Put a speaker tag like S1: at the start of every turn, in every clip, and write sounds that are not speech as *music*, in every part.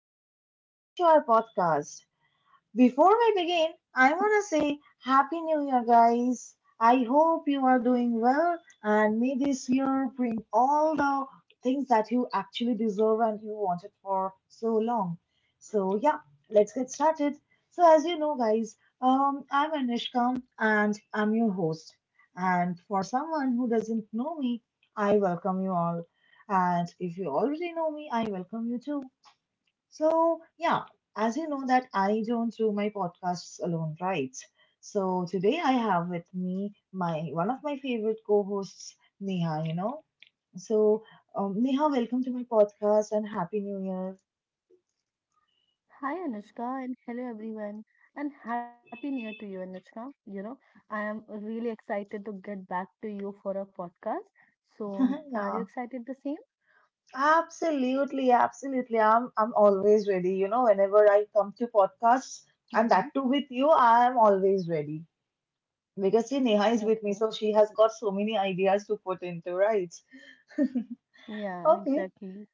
S1: and welcome back to our podcast. Before we begin, I want to say happy new year, guys. I hope you are doing well and may this year bring all the things that you actually deserve and you wanted for so long. So, yeah, let's get started. So, as you know, guys, I'm Anishka and I'm your host. And for someone who doesn't know me, I welcome you all. And if you already know me, I welcome you too. So, yeah, as you know that I don't do my podcasts alone, right? So today I have with me my one of my favorite co-hosts, Neha. So, Neha, welcome to my podcast and happy new year.
S2: Hi Anushka, and hello everyone, and happy new year to you Anushka. You know, I am really excited to get back to you for a podcast. So,
S1: *laughs*
S2: are you
S1: Yeah,
S2: excited the same?
S1: absolutely, absolutely. I'm always ready. You know, whenever I come to podcasts,
S2: Mm-hmm.
S1: and that too with you, I am always ready. Because see, Neha is with me,
S2: Okay.
S1: so she has got so many ideas to put into, right?
S2: Yeah,
S1: Okay.
S2: exactly.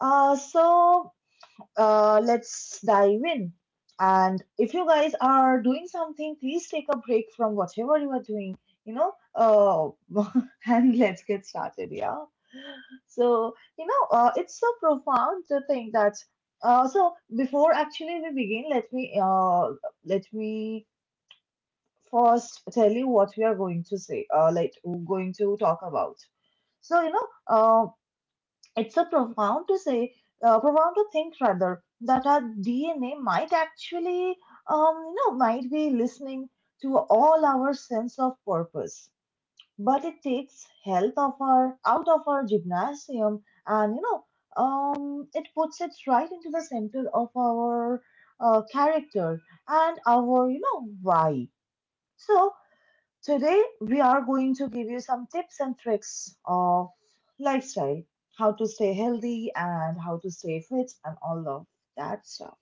S1: So let's dive in. And if you guys are doing something, please take a break from whatever you are doing, you know, uh, *laughs* and let's get started. Yeah. So, you know, it's so profound to think that. So before actually we begin, let me first tell you what we are going to say. Like we're going to talk about. So you know, it's a profound to say, profound to think rather that our DNA might actually, you know, might be listening to all our sense of purpose. But it takes health of our out of our gymnasium, and you know, it puts it right into the center of our character and our, you know, why. So today, we are going to give you some tips and tricks of lifestyle, how to stay healthy and how to stay fit and all of that stuff.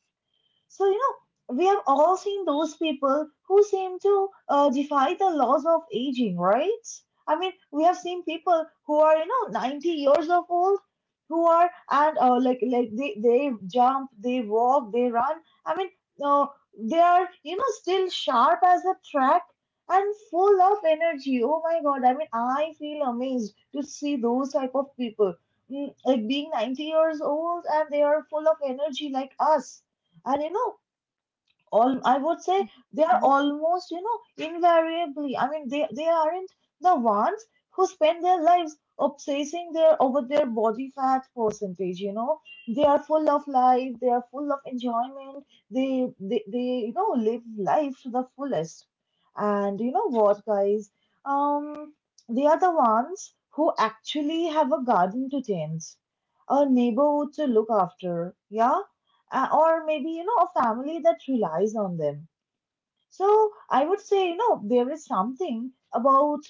S1: So, you know, we have all seen those people who seem to defy the laws of aging, right? I mean, we have seen people who are, you know, 90 years of old who are and like like they jump, they walk, they run. I mean, uh, they are, you know, still sharp as a track and full of energy. Oh my God, I mean, I feel amazed to see those type of people. Like being 90 years old and they are full of energy like us and you know all I would say
S2: Mm-hmm.
S1: they are almost you know invariably. I mean they aren't the ones who spend their lives obsessing their over their body fat percentage, you know. They are full of life, they are full of enjoyment, they you know live life to the fullest. And you know what, guys, um they are the ones who actually have a garden to tend, a neighborhood to look after, yeah, or maybe you know a family that relies on them. So I would say, you know, there is something about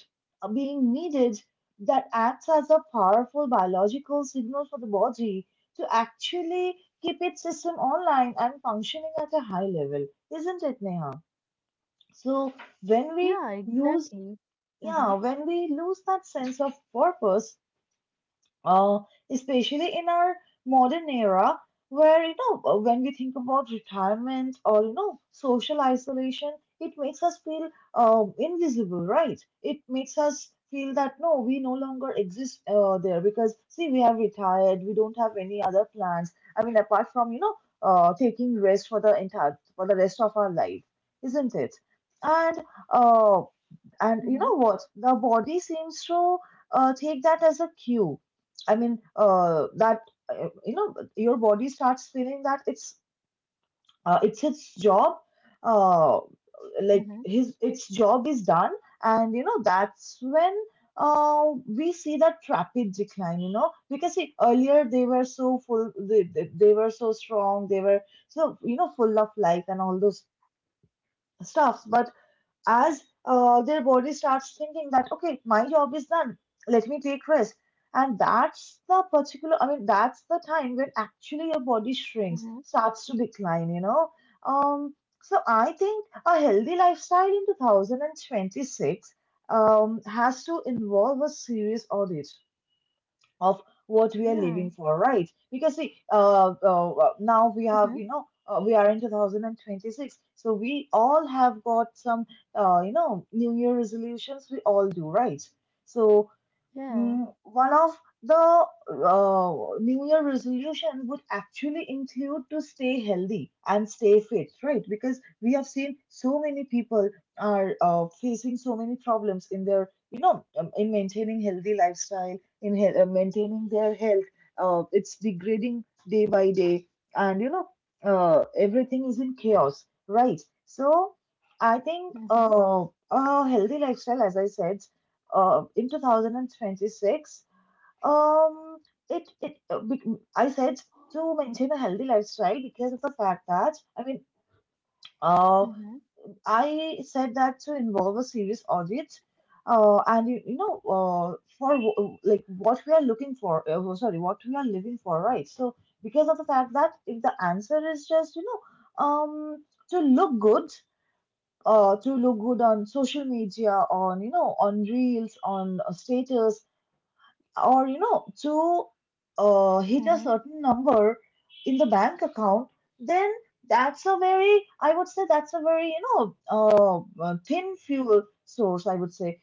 S1: being needed that acts as a powerful biological signal for the body to actually keep its system online and functioning at a high level, isn't it, Neha? So when
S2: Yeah,
S1: we lose
S2: exactly.
S1: yeah
S2: Mm-hmm.
S1: when we lose that sense of purpose, uh, especially in our modern era where you know when we think about retirement or you know social isolation, it makes us feel invisible, right? It makes us feel that no we no longer exist there, because see we have retired we don't have any other plans. I mean apart from you know taking rest for the entire for the rest of our life, isn't it? And uh, and
S2: Mm-hmm.
S1: you know what? The body seems to take that as a cue. I mean, that you know, your body starts feeling that it's its job. Uh,
S2: Mm-hmm.
S1: like his its job is done, and you know that's when we see that rapid decline. You know, because see, earlier they were so full, they were so strong, they were so you know full of life and all those stuffs, but as their body starts thinking that okay my job is done, let me take rest, and that's the particular, I mean that's the time when actually your body shrinks
S2: Mm-hmm.
S1: starts to decline, you know. um so I think a healthy lifestyle in 2026 has to involve a serious audit of what we are
S2: Yeah.
S1: living for, right? Because see, now we have,
S2: Mm-hmm.
S1: you know, we are in 2026, so we all have got some, you know, new year resolutions. We all do, right? So
S2: Yeah.
S1: One of the new year resolution would actually include to stay healthy and stay fit, right? Because we have seen so many people are facing so many problems in their, you know, in maintaining healthy lifestyle, in maintaining their health. It's degrading day by day, and you know, everything is in chaos, right? So I think
S2: Mm-hmm.
S1: a healthy lifestyle, as I said in 2026, um I said to maintain a healthy lifestyle because of the fact that I mean uh
S2: Mm-hmm.
S1: I said that to involve a serious audit and you know like what we are looking for, well, sorry, what we are living for, right? So because of the fact that if the answer is just you know to look good, to look good on social media, on you know, on reels, on status, or you know to
S2: Mm-hmm.
S1: hit a certain number in the bank account, then that's a very, I would say that's a very you know thin fuel source, I would say.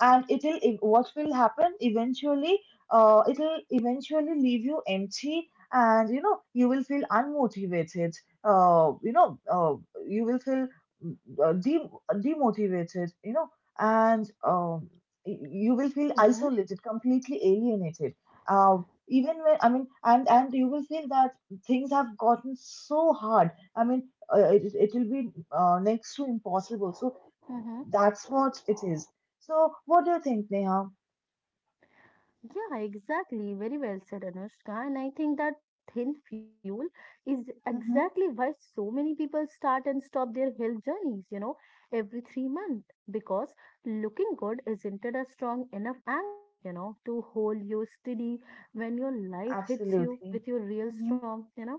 S1: What will happen eventually, it'll eventually leave you empty and you know you will feel unmotivated, uh, you know uh, you will feel mm, uh, de- demotivated, you know. and um, you will feel
S2: Mm-hmm.
S1: isolated, completely alienated, uh, even when, I mean, and you will feel that things have gotten so hard. I mean it will be next to impossible. So
S2: Mm-hmm.
S1: that's what it is. So, what do you think, Neha?
S2: Yeah, exactly. Very well said, Anushka. And I think that thin fuel is exactly
S1: Mm-hmm.
S2: why so many people start and stop their health journeys, you know, every 3 months. Because looking good isn't it a strong enough anchor, you know, to hold you steady when your life hits you
S1: Absolutely.
S2: with your real
S1: Mm-hmm.
S2: storm, you know.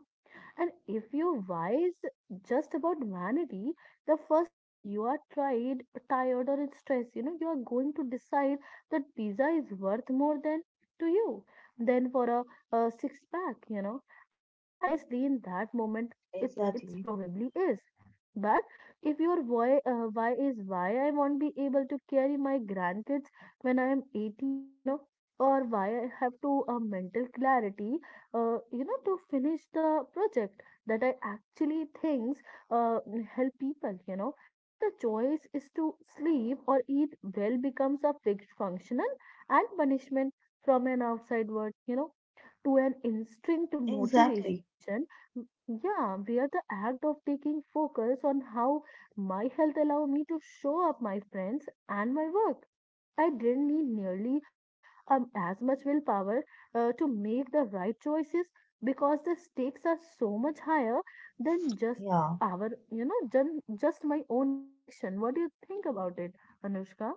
S2: And if you wise just about vanity, the first time you are tried, tired or in stress, you know, you are going to decide that pizza is worth more than to you than for a six pack, you know. And honestly, in that moment, it's
S1: Exactly.
S2: probably is. But if your why is why I won't be able to carry my grandkids when I am 80, you know, or why I have to mental clarity, you know, to finish the project that I actually thinks, uh, help people, you know, then the choice is to sleep or eat well becomes a fixed functional and punishment from an outside world, you know, to an instinct
S1: Exactly.
S2: motivation. Yeah, where the act of taking focus on how my health allow me to show up my friends and my work I didn't need nearly as much willpower to make the right choices because the stakes are so much higher than just
S1: Yeah.
S2: our, you know, just my own reflection. What do you think about it, Anushka?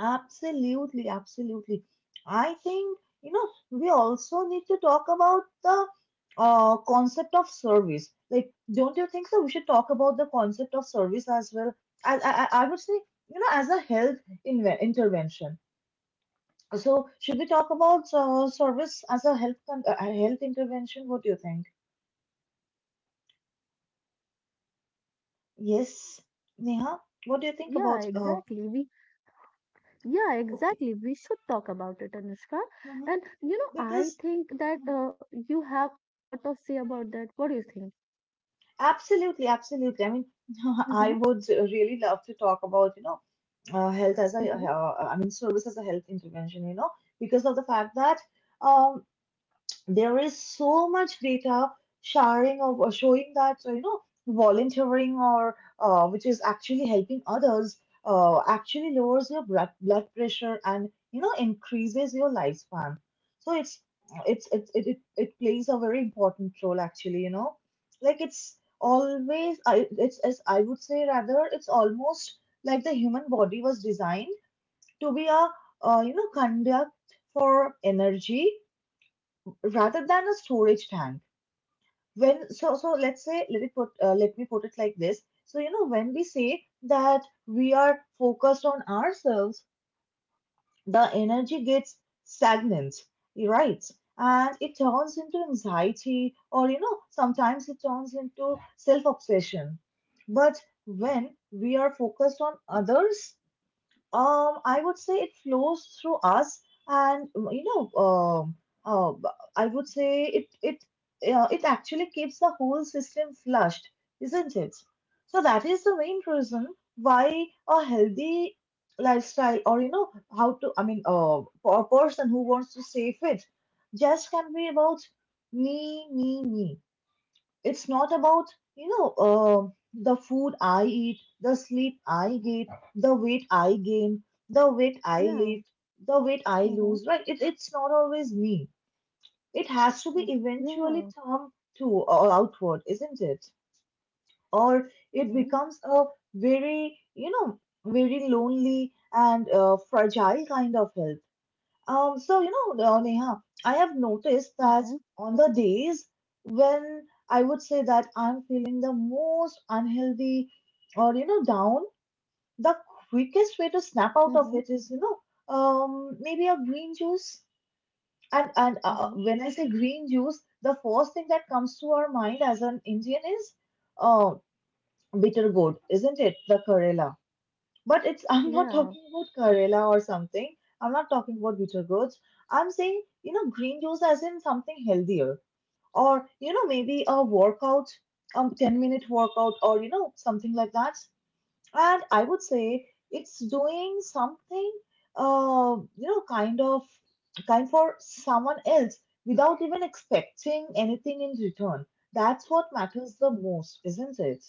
S1: Absolutely. Absolutely. I think, you know, we also need to talk about the concept of service. Like, don't you think so? We should talk about the concept of service as well. I would say, you know, as a health inve intervention. So, should we talk about service as a health intervention? What do you think? Yes, Neha, what do you think about
S2: Yeah, exactly. We yeah,
S1: okay.
S2: exactly. We should talk about it, Anushka.
S1: Hmm.
S2: And you know, I
S1: Because
S2: think that
S1: mhm.
S2: you have a lot of say about that. What do you think?
S1: Absolutely, absolutely. I mean, *laughs*
S2: Mm-hmm.
S1: I would really love to talk about, you know, health as a
S2: Mm-hmm.
S1: I mean, service as a health intervention, you know, because of the fact that um there is so much data sharing of or showing that you know volunteering or which is actually helping others actually lowers your blood pressure and you know increases your lifespan. So it's it plays a very important role actually, you know. Like it's always, I it's as I would say, rather it's almost like the human body was designed to be a you know conduct for energy rather than a storage tank. When let's say, let me put it like this. So you know, when we say that we are focused on ourselves, the energy gets stagnant, right? And it turns into anxiety or you know sometimes it turns into self obsession. But when we are focused on others, I would say it flows through us, and uh, I would say it actually keeps the whole system flushed, isn't it? So that is the main reason why a healthy lifestyle, or you know, how to, I mean, for a person who wants to stay fit, just can be about me, me, me. It's not about, you know, the food I eat, the sleep I get, the weight I gain, the weight I
S2: Yeah.
S1: lift, the weight I
S2: Mm-hmm.
S1: lose, right? It's not always me. It has to be
S2: Yeah.
S1: eventually turned to or outward, isn't it? Or it
S2: Mm-hmm.
S1: becomes a very, you know, very lonely and fragile kind of help. Neha, I have noticed that
S2: Mm-hmm.
S1: on the days when I would say that I'm feeling the most unhealthy or you know down, the quickest way to snap out of it is you know maybe a green juice. And
S2: Mm-hmm.
S1: when I say green juice, the first thing that comes to our mind as an Indian is uh, bitter gourd, isn't it? The Karela. But it's *laughs* I'm not
S2: Yeah.
S1: talking about Karela or something. I'm not talking about bitter goods. I'm saying, green juice as in something healthier. Or, maybe a workout, a 10 minute workout, something like that. And I would say it's doing something uh, you know, kind of kind for someone else without even expecting anything in return. That's what matters the most, isn't it?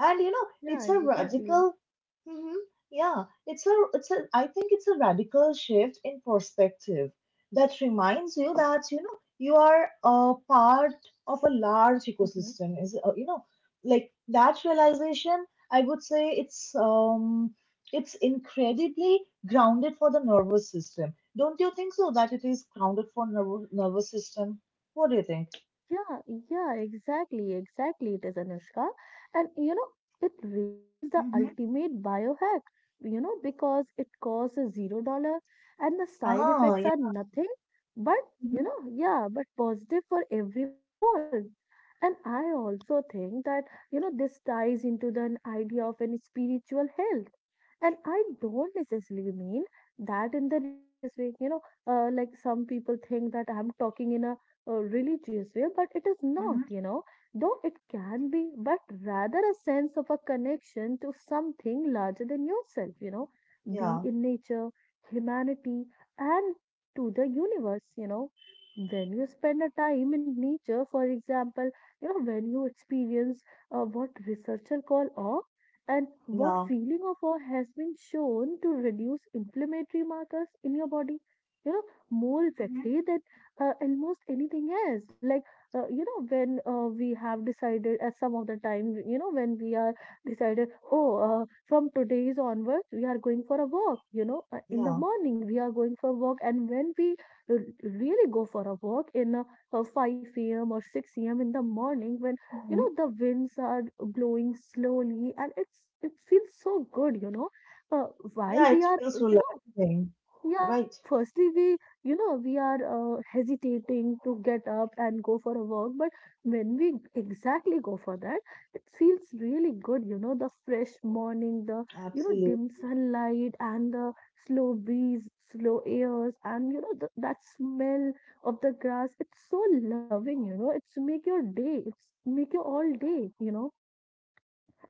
S1: And
S2: Yeah,
S1: it's a
S2: exactly.
S1: radical hmm. Yeah, it's a I think it's a radical shift in perspective that reminds you that you are a part of a large
S2: Mhm.
S1: ecosystem is like that realization, I would say. It's incredibly grounded for the nervous system, don't you think? So that it is grounded for nervous system. What do you think?
S2: Yeah, yeah, exactly, exactly. It is Anushka. And you know, it really is the
S1: Mm-hmm.
S2: ultimate biohack, you know, because it costs a $0 and the side
S1: Ah,
S2: effects are
S1: yeah.
S2: nothing but, you
S1: Mm-hmm.
S2: know, yeah, but positive for everyone involved. And I also think that, you know, this ties into the idea of an spiritual health. And I don't necessarily mean that in the religious way, you know, like some people think that I'm talking in a religious way, but it is
S1: Mm-hmm.
S2: not, you know, though it can be, but rather a sense of a connection to something larger than yourself, you know, be
S1: Yeah,
S2: in nature, humanity, and to the universe, you know. When you spend a time in nature, for example, you know, when you experience what researchers call awe and what
S1: yeah.
S2: feeling of awe has been shown to reduce inflammatory markers in your body, you know, more effectively than almost anything else, like you know, when we have decided at some of the time, you know, when we are decided, oh, from today's onwards we are going for a walk, you know, in the
S1: Yeah.
S2: morning we are going for a walk, and when we r- really go for a walk in 5 a.m or 6 a.m in the morning when you
S1: Hmm.
S2: know the winds are blowing slowly, and it's it feels so good, you know, uh, while
S1: Yeah, it
S2: we are,
S1: feels
S2: you know,
S1: relaxing.
S2: yeah,
S1: Right.
S2: firstly, we, you know, we are hesitating to get up and go for a walk, but when we exactly go for that, it feels really good, you know, the fresh morning, the, you know,
S1: Absolutely.
S2: dim sunlight and the slow breeze, slow airs, and, you know, the, that smell of the grass. It's so loving, you know, it's make your day, it's make your all day, you know.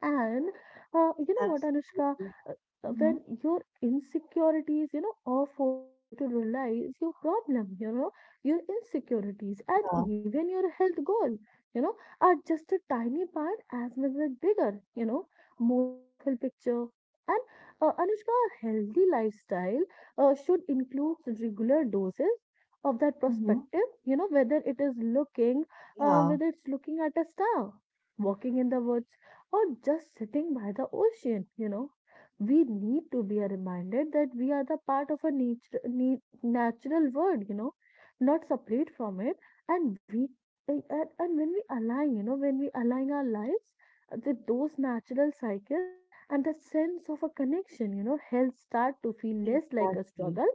S2: And you know what, Anushka,
S1: Absolutely.
S2: Uh,
S1: Hmm.
S2: when your insecurities, you know, all forces you to realize your problem, you know, your insecurities and
S1: Yeah.
S2: even your health goal, you know, are just a tiny part as well as bigger, you know, more beautiful picture. And Anushka, a healthy lifestyle should include regular doses of that
S1: Hmm.
S2: perspective, you know, whether it is looking,
S1: Yeah.
S2: whether it's looking at a star, walking in the woods or just sitting by the ocean, you know. We need to be reminded that we are the part of a nature, natural world, you know, not separate from it. And we, and when we align, you know, when we align our lives with those natural cycles and the sense of a connection, you know, health start to feel less like a
S1: Exactly.
S2: struggle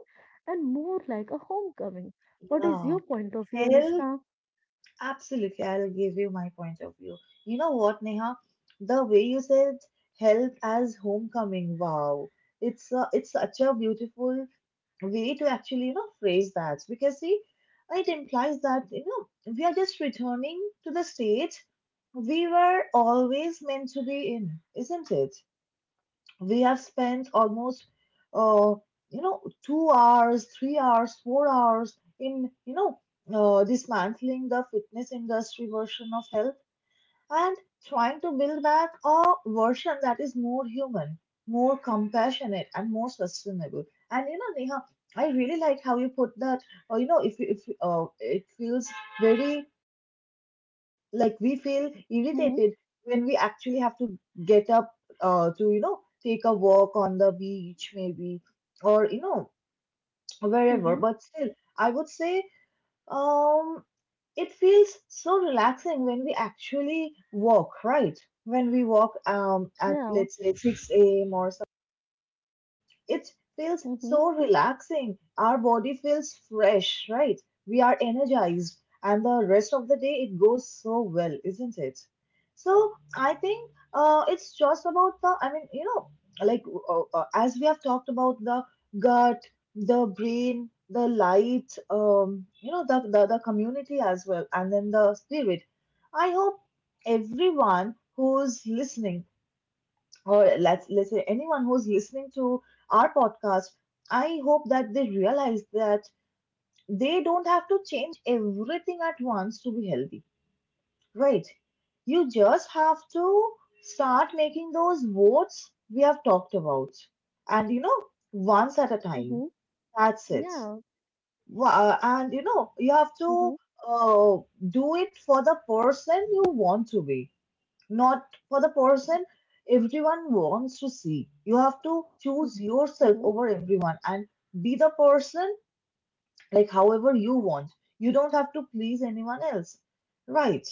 S2: and more like a homecoming. What is
S1: Yeah.
S2: your point of view,
S1: Health.
S2: Anushka?
S1: Absolutely, I'll give you my point of view. You know what, Neha? The way you said health as homecoming. Wow. It's such a beautiful way to actually phrase that, because see, it implies that we are just returning to the state we were always meant to be in, isn't it? We have spent almost uh 2 hours, 3 hours, 4 hours in dismantling the fitness industry version of health and trying to build back a version that is more human, more compassionate, and more sustainable. And you know, Neha, I really like how you put that. If it feels very like we feel
S2: Mm-hmm.
S1: irritated when we actually have to get up to take a walk on the beach maybe, or wherever.
S2: Mm-hmm.
S1: But still, I would say. Um, it feels so relaxing when we actually walk, right? When we walk at,
S2: Yeah.
S1: let's say, 6 a.m. or it feels
S2: Mm-hmm.
S1: so relaxing. Our body feels fresh, right? We are energized, and the rest of the day it goes so well, isn't it? So I think it's just about the, I mean, you know, like as we have talked about the gut, the brain, the light, you know, the community as well, and then the spirit. I hope everyone who's listening, or let's say anyone who's listening to our podcast, I hope that they realize that they don't have to change everything at once to be healthy, right? You just have to start making those votes we have talked about, and you know, once at a time.
S2: Mm-hmm.
S1: That's it.
S2: Yeah.
S1: And you know, you have to
S2: Mm-hmm.
S1: uh, do it for the person you want to be, not for the person everyone wants to see. You have to choose yourself
S2: Mm-hmm.
S1: over everyone and be the person like however you want. You don't have to please anyone else. Right.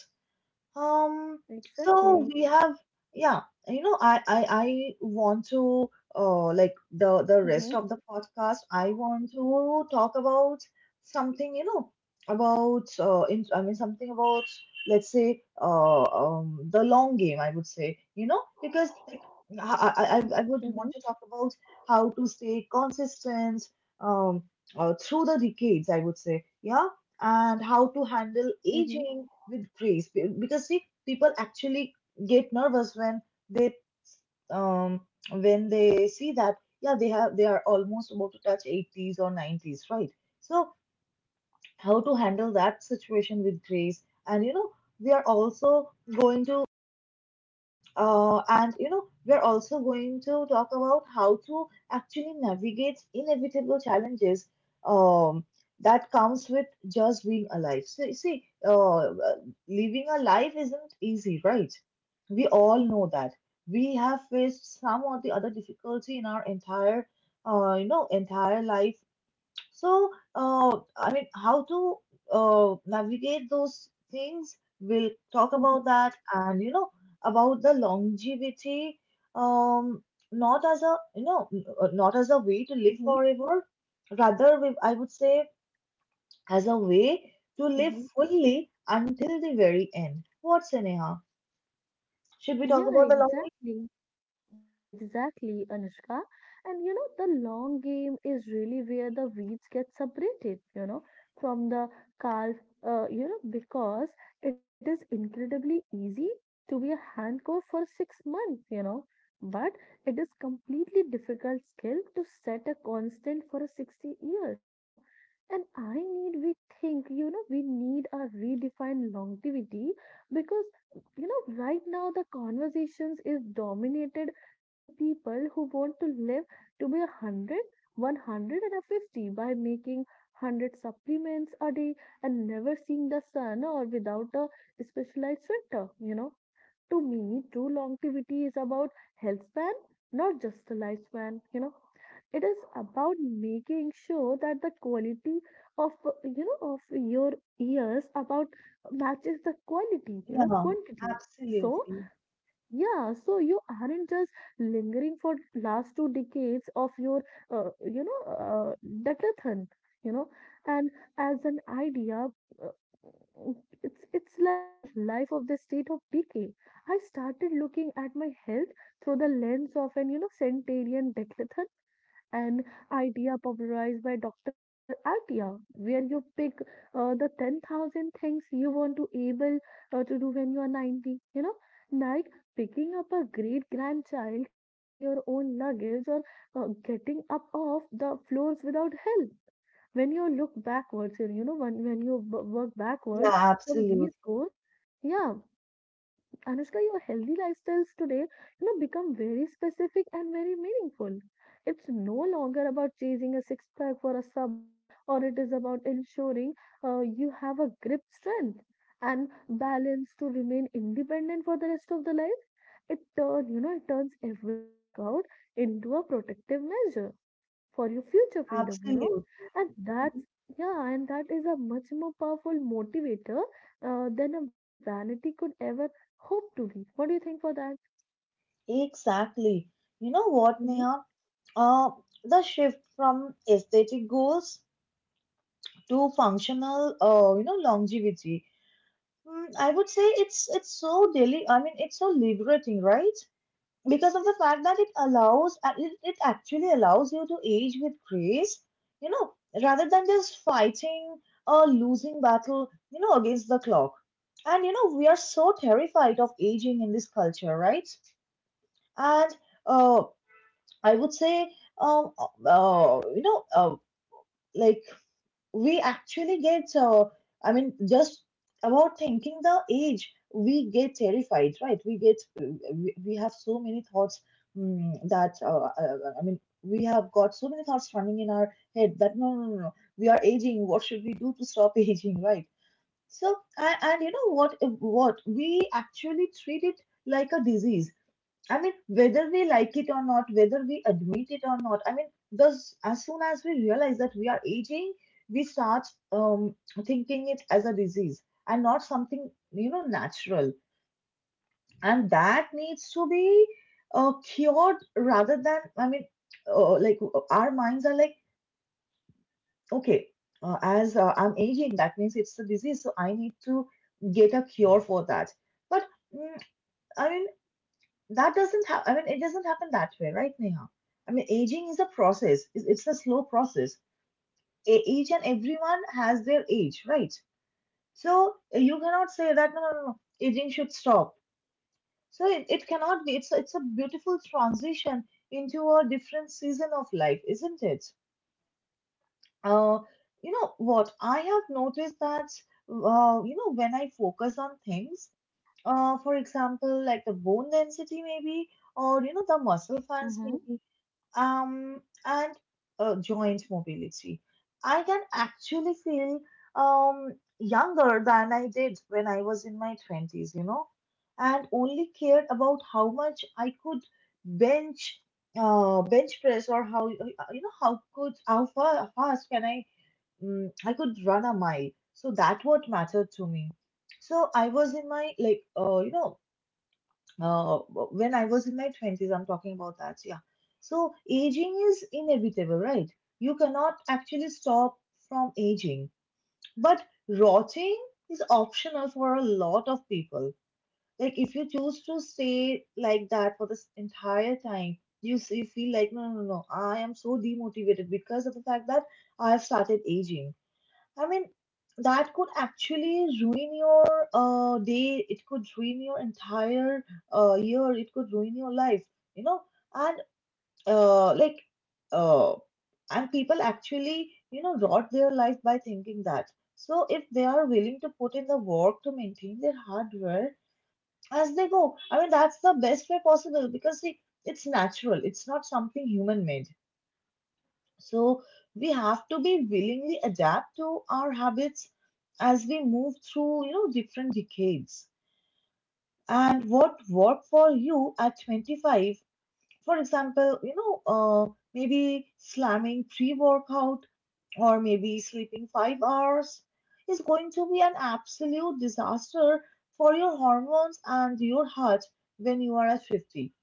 S1: Um, so
S2: Exactly.
S1: we have, yeah, you know, I want to like the
S2: Mm-hmm.
S1: rest of the podcast, I want to talk about something, you know, about I mean something about, let's say, the long game, I would say, you know, because like I would
S2: Mm-hmm.
S1: want to talk about how to stay consistent um through the decades, I would say. Yeah, and how to handle
S2: Mm-hmm.
S1: aging with grace. Because see, people actually get nervous they um when they see that yeah, they have, they are almost about to touch 80s or 90s, right? So how to handle that situation with grace. And you know, we are also going to we're also going to talk about how to actually navigate inevitable challenges um, that comes with just being alive. So, you see, living a life isn't easy, right? We all know that. We have faced some or the other difficulty in our entire, entire life. So, I mean, how to navigate those things? We'll talk about that, and you know, about the longevity, um, not as a not as a way to live
S2: Mm-hmm.
S1: forever, rather, we, I would say, as a way to live
S2: Mm-hmm.
S1: fully until the very end. What, Sneha? Should we talk
S2: Yeah,
S1: about the longevity?
S2: exactly. Yeah, exactly, Anushka. And you know, the long game is really where the weeds get separated, you know, from the calf, you know, because it is incredibly easy to be a hand coach for 6 months, you know, but it is completely difficult skill to set a constant for a 60 years, you know. And I need, we think, you know, we need a redefined longevity because you know right now the conversations is dominated by the people who want to live to be a hundred, 150 by making 100 supplements a day and never seeing the sun or without a specialized filter. You know, to me, true longevity is about health span, not just the lifespan. You know, it is about making sure that the quality of, you know, of your years about matches the quality you know
S1: Yeah,
S2: quantity, so
S1: absolutely.
S2: yeah, so you aren't just lingering for last two decades of your, you know, decathlon, you know, and as an idea, uh, it's like a life of the state of decay. I started looking at my health through the lens of an you know centenarian decathlon an idea popularized by Dr. Peter Attia, where you pick the 10,000 things you want to able to do when you are 90. You know, like picking up a great grandchild, carrying your own luggage, or getting up off the floors without help. When you look backwards, you know, when you work
S1: Yeah,
S2: backward from
S1: absolutely,
S2: these goals, yeah, Anushka, your healthy lifestyles today, you know, become very specific and very meaningful. It's no longer about chasing a six pack for a summer, or it is about ensuring you have a grip strength and balance to remain independent for the rest of the life. It turn, you know, it turns every workout into a protective measure for your future freedom, you know.
S1: absolutely.
S2: And that's,
S1: Mm-hmm.
S2: yeah, and that is a much more powerful motivator than a vanity could ever hope to be. What do you think for that?
S1: Exactly. You know what,
S2: Mm-hmm.
S1: Neha? Uh, the shift from aesthetic goals to functional, you know, longevity. Mm, I would say it's so daily. I mean, it's so liberating, right? Because of the fact that it allows, it actually allows you to age with grace. You know, rather than just fighting a losing battle, you know, against the clock. And you know, we are so terrified of aging in this culture, right? And uh, I would say, um, uh, you know, uh, like we actually get, I mean, just about thinking the age, we get terrified, right? We have so many thoughts, that, I mean, we have got so many thoughts running in our head that no, no, no, no, we are aging. What should we do to stop *laughs* aging, right? So, and you know what we actually treat it like a disease. I mean, whether we like it or not, whether we admit it or not, I mean, thus, as soon as we realize that we are aging, we start um, thinking it as a disease and not something, you know, natural. And that needs to be cured rather than, I mean, our minds are like, okay, as I'm aging, that means it's a disease, so I need to get a cure for that. But mm, I mean, that doesn't happen. I mean, it doesn't happen that way, right, Neha? I mean, aging is a process. It's a slow process. Each and everyone has their age, right? So you cannot say that no, no, no, no, aging should stop. So it cannot be. It's a beautiful transition into a different season of life, isn't it? Uh, you know what? I have noticed that you know, when I focus on
S2: Mm-hmm.
S1: things, for example, like the bone density, maybe, or you know the muscle fans,
S2: Mm-hmm.
S1: maybe, and joint mobility. I can actually feel um, younger than I did when I was in my 20s, you know, and only cared about how much I could bench bench press, or how you know how could how far fast can I I could run a mile. So that what mattered to me. So I was in my like uh, when I was in my 20s, I'm talking about that. Yeah. So aging is inevitable, right? You cannot actually stop from aging. But rotting is optional for a lot of people. Like if you choose to stay like that for this entire time, you feel like, no, no, no, no, I am so demotivated because of the fact that I have started aging. I mean, that could actually ruin your day. It could ruin your entire year. It could ruin your life, you know. And uh, like, uh, and people actually, you know, rot their life by thinking that. So if they are willing to put in the work to maintain their hardware as they go, I mean, that's the best way possible, because see, it's natural. It's not something human made. So we have to be willingly adapt to our habits as we move through, you know, different decades. And what worked for you at 25, for example, you know, maybe slamming pre-workout or maybe sleeping 5 hours is going to be an absolute disaster for your hormones and your heart when you are at 50.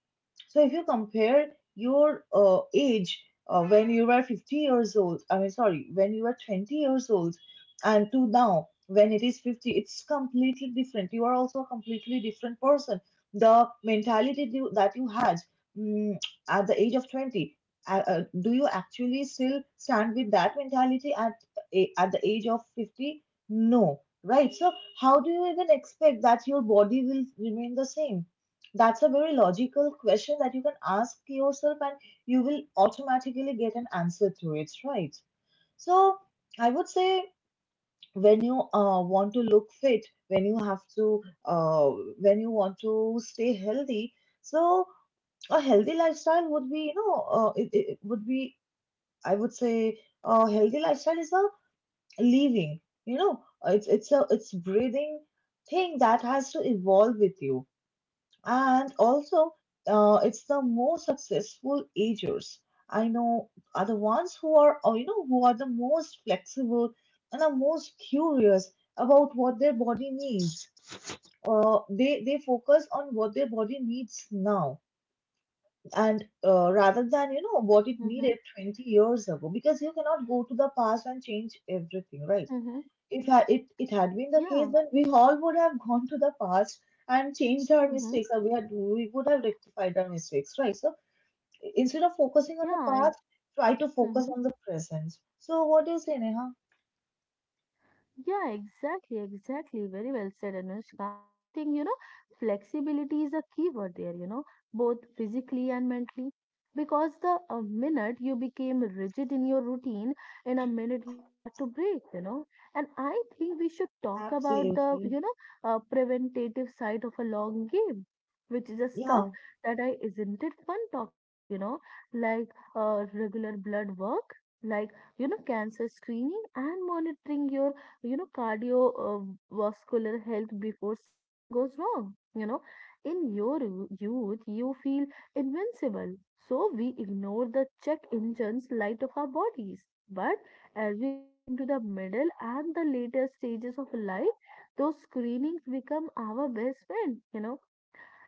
S1: So if you compare your age when you were 50 years old, I mean, sorry, When you were 20 years old, and to now when it is 50, it's completely different. You are also a completely different person. The mentality you that you had mm, at the age of 20, do you actually still stand with that mentality at at the age of 50? No, right? So how do you even expect that your body will remain the same? That's a very logical question that you can ask yourself, and you will automatically get an answer to it, right? So, I would say when you want to look fit, when you have to, when you want to stay healthy, so a healthy lifestyle would be, you know, it would be, I would say, a healthy lifestyle is a living, you know, it's breathing thing that has to evolve with you. And also, it's the most successful agers. I know are the ones who are, or you know, who are the most flexible and are most curious about what their body needs. They focus on what their body needs now, and rather than what it
S2: Mm-hmm.
S1: needed 20 years ago, because you cannot go to the past and change everything, right?
S2: Mm-hmm.
S1: If it had been the case,
S2: Yeah.
S1: then we all would have gone to the past and changed our
S2: Mm-hmm.
S1: mistakes, or we would have rectified our mistakes, right? So instead of focusing
S2: Yeah.
S1: on the past, try to
S2: I,
S1: focus
S2: mm-hmm.
S1: on the present. So what do you say, Neha?
S2: Yeah, exactly, exactly. Very well said, Anushka. And I think, you know, flexibility is a key word there, you know, both physically and mentally. Because the minute you became rigid in your routine, in a minute you start to break, you know. And I think we should talk about the,
S1: Absolutely.
S2: you know, preventative side of a long game, which is a stuff
S1: Yeah,
S2: that I isn't it fun talk about, you know, like regular blood work, like, you know, cancer screening and monitoring your you know cardiovascular health before something goes wrong, you know, in your youth you feel invincible, so we ignore the check engines light of our bodies, but as we get into the middle and the later stages of life, those screenings become our best friend, you know.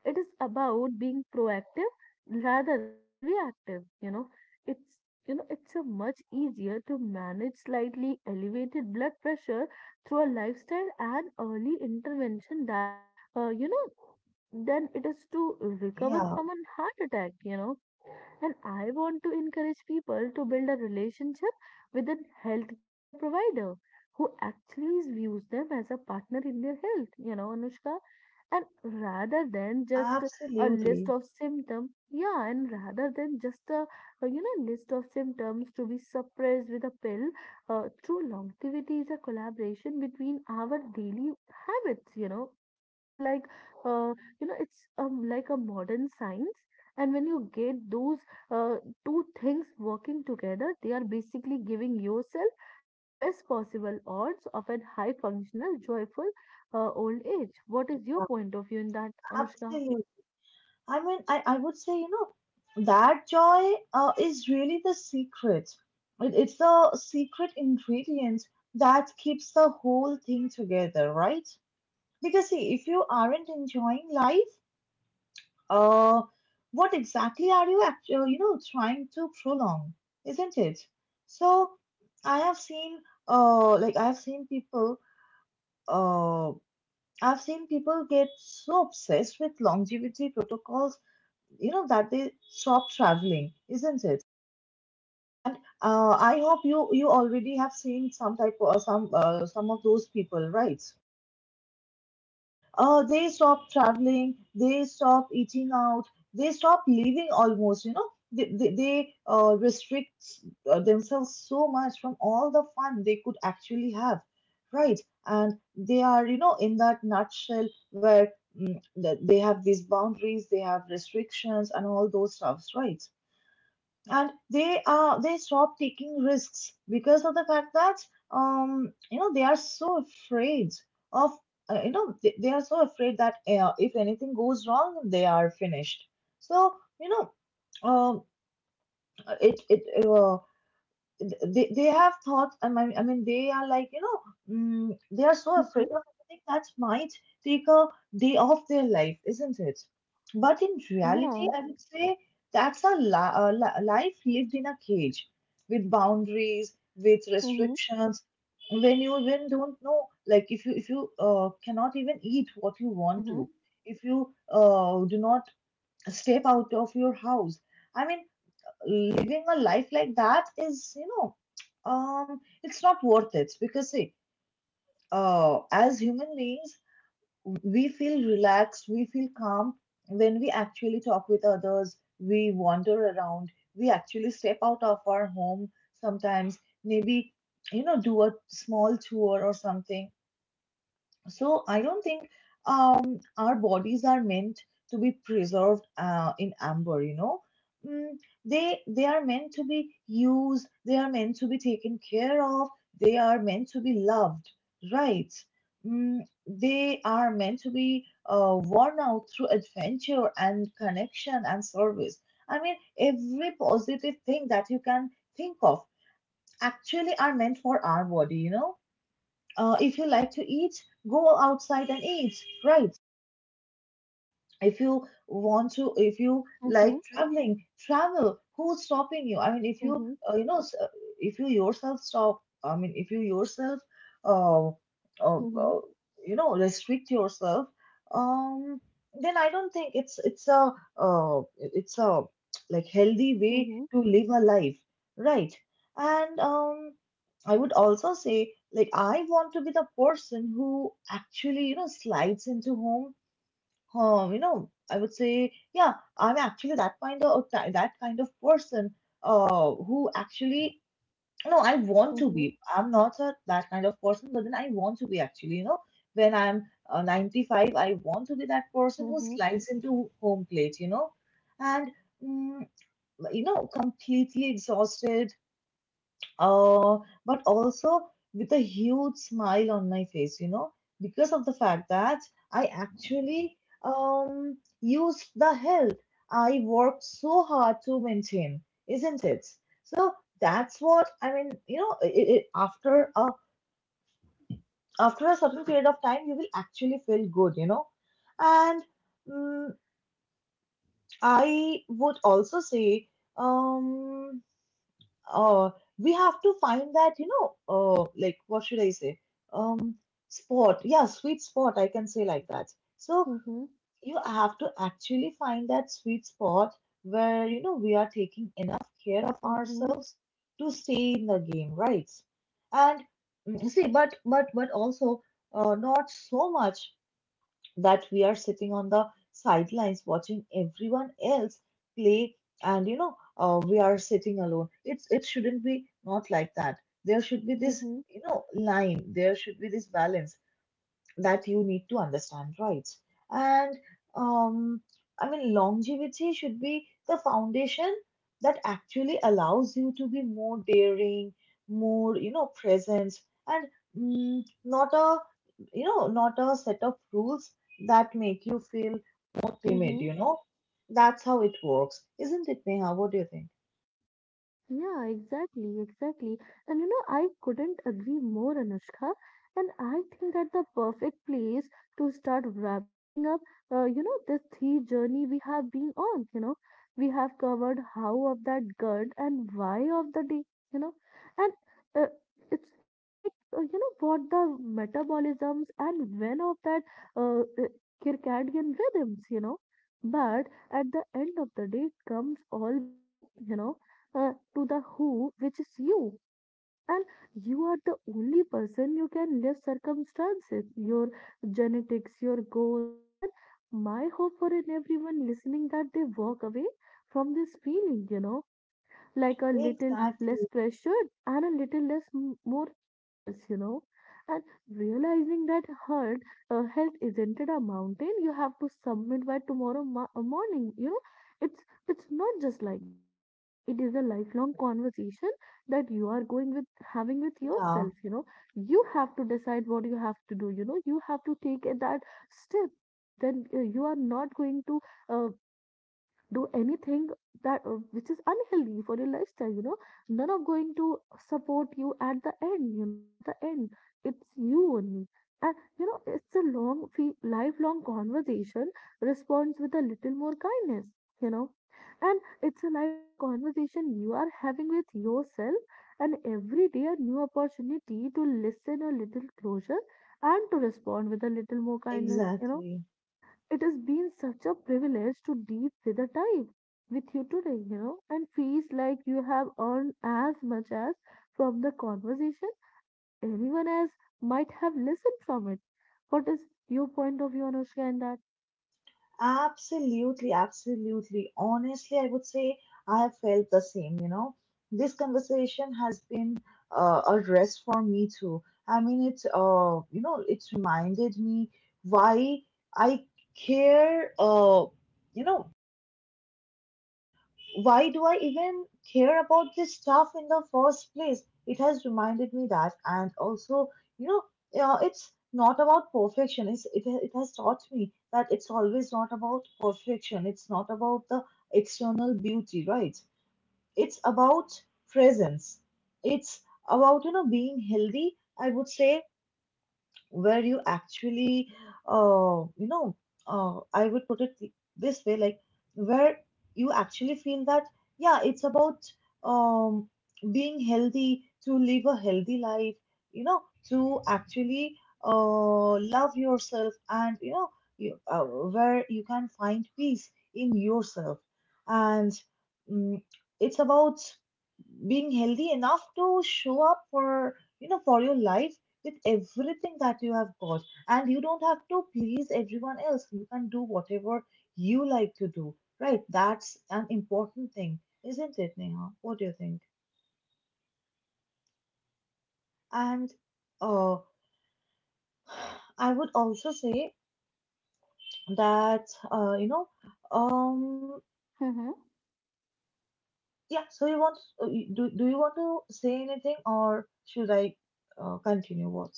S2: It is about being proactive rather than reactive. It's you know, it's a much easier to manage slightly elevated blood pressure through a lifestyle and early intervention that, you know, than it is to recover
S1: yeah,
S2: from a heart attack. You know, and I want to encourage people to build a relationship with a healthcare provider who actually views them as a partner in their health. You know, Anushka, and rather than just a list
S1: absolutely.
S2: of symptoms, yeah, and rather than just a, you know, list of symptoms to be suppressed with a pill, true longevity is a collaboration between our daily habits, you know. It's like, uh, you know, it's like a modern science, and when you get those uh, two things working together they are basically giving yourself the best possible odds of a high functional joyful old age. What is your point of view in that, Anushka?
S1: Absolutely. I mean, I would say, you know, that joy is really the secret. It's the secret ingredient that keeps the whole thing together, right? Because see, if you aren't enjoying life, uh, what exactly are you actually, you know, trying to prolong, isn't it? So I have seen, uh, like I've seen people, uh, I've seen people get so obsessed with longevity protocols, you know, that they stop traveling, isn't it? And I hope you already have seen some type of some of those people, right? They stop traveling, they stop eating out, they stop living almost, you know. They restrict themselves so much from all the fun they could actually have, right? And they are, you know, in that nutshell where that they have these boundaries, they have restrictions, and all those stuffs, right? And they stop taking risks because of the fact that you know they are so afraid of, you know, they are so afraid that, if anything goes wrong they are finished. So, you know, um it it uh, they have thought. I mean, they are like, you know, they are so afraid
S2: Mm-hmm.
S1: of everything that might take a day off their life, isn't it? But in reality,
S2: Yeah.
S1: I would say that's a life lived in a cage, with boundaries, with
S2: Mm-hmm.
S1: restrictions, when you even don't know, like, if you cannot even eat what you want
S2: Mm-hmm.
S1: to, if you do not step out of your house. I mean, living a life like that is, you know, it's not worth it, because see, as human beings, we feel relaxed, we feel calm when we actually talk with others, we wander around, we actually step out of our home sometimes, maybe, you know, do a small tour or something. So I don't think our bodies are meant to be preserved in amber. You know, mm, they are meant to be used. They are meant to be taken care of. They are meant to be loved, right? Mm, they are meant to be worn out through adventure and connection and service. I mean, every positive thing that you can think of actually are meant for our body. You know, if you like to eat, go outside and eat, right? If you like
S2: Mm-hmm.
S1: traveling, travel. Who's stopping you? I mean, if you
S2: Mm-hmm.
S1: you know s- if you yourself stop, I mean, if you yourself, uh, uh,
S2: Mm-hmm.
S1: uh, you know, restrict yourself, um then I don't think uh, it's a like healthy way
S2: Mm-hmm.
S1: to live a life, right? And I would also say, like, I want to be the person who actually, you know, slides into home. You know, I would say, yeah, I'm actually that kind of person who actually— no, I want to
S2: Mm-hmm.
S1: be. I'm not a— that kind of person, but then I want to be, actually, you know, when I'm 95, I want to be that person who
S2: Mm-hmm.
S1: slides into home plate, you know, and mm, you know, completely exhausted, uh, but also with a huge smile on my face, you know, because of the fact that I actually used the help I worked so hard to maintain, isn't it? So that's what I mean. You know, after a certain period of time, you will actually feel good, you know, and mm I would also say. Um, uh, we have to find that, you know, like, what should I say? Um, Spot. Yeah, sweet spot. I can say like that. So
S2: Mm-hmm.
S1: you have to actually find that sweet spot where, you know, we are taking enough care of
S2: Mm-hmm.
S1: ourselves to stay in the game, right? And, see, but also, not so much that we are sitting on the sidelines watching everyone else play, and, you know, we are sitting alone. It shouldn't be not like that. There should be this,
S2: Mm-hmm.
S1: you know, line. There should be this balance that you need to understand, right? And, um, I mean, longevity should be the foundation that actually allows you to be more daring, more, you know, present, and not a— you know, not a set of rules that make you feel more timid,
S2: Mm-hmm.
S1: you know? That's how it works, isn't it, Neha? What do you think?
S2: Yeah, exactly, exactly. And you know, I couldn't agree more, Anushka. And I think that the perfect place to start wrapping up, this three journey we have been on. We have covered how of that good and why of the day. You know, and uh, it's like what the metabolisms and when of that uh, uh, circadian rhythms. But at the end of the day, it comes all back, to the who, which is you. And you are the only person you can live circumstances, your genetics, your goals. And my hope for in everyone listening that they walk away from this feeling, like a little less
S1: Exactly.
S2: pressured and a little less more curious. And realizing that hurt, health isn't it a mountain you have to submit by tomorrow morning. It's it's not just like that. It is a lifelong conversation that you are going with having with
S1: Yeah,
S2: yourself. You have to decide what you have to do. You have to take it that step. Then you are not going to uh, do anything that which is unhealthy for your lifestyle. None of going to support you at the end. At the end, it's you only. And it's a long lifelong conversation responds with a little more kindness you know and it's a lifelong conversation you are having with yourself, and every day a new opportunity to listen a little closer and to respond with a little more kindness.
S1: exactly.
S2: It has been such a privilege to deep with a time with you today, and feels like you have earned as much as from the conversation as anyone else might have listened from it. What is your point of view, Anushka, in that?
S1: Absolutely, absolutely. Honestly, I would say I have felt the same, you know. This conversation has been a rest for me too. I mean, you know, it's reminded me why I care, you know, why do I even care about this stuff in the first place? It has reminded me that. And also, you know, it's not about perfection. It has taught me that it's always not about perfection. It's not about the external beauty, right? It's about presence. It's about, you know, being healthy, I would say, where you actually, uh, you know I would put it this way, like, where you actually feel that, yeah, it's about um, being healthy to live a healthy life, you know, to actually love yourself, and, you know, where you can find peace in yourself, and mm it's about being healthy enough to show up, for your life, with everything that you have got. And you don't have to please everyone else. You can do whatever you like to do, right? That's an important thing, isn't it, Neha? What do you think? And, uh, *sighs* I would also say that, you know, um,
S2: *laughs*
S1: yeah, so you want, do you want to say anything, or should I continue? What?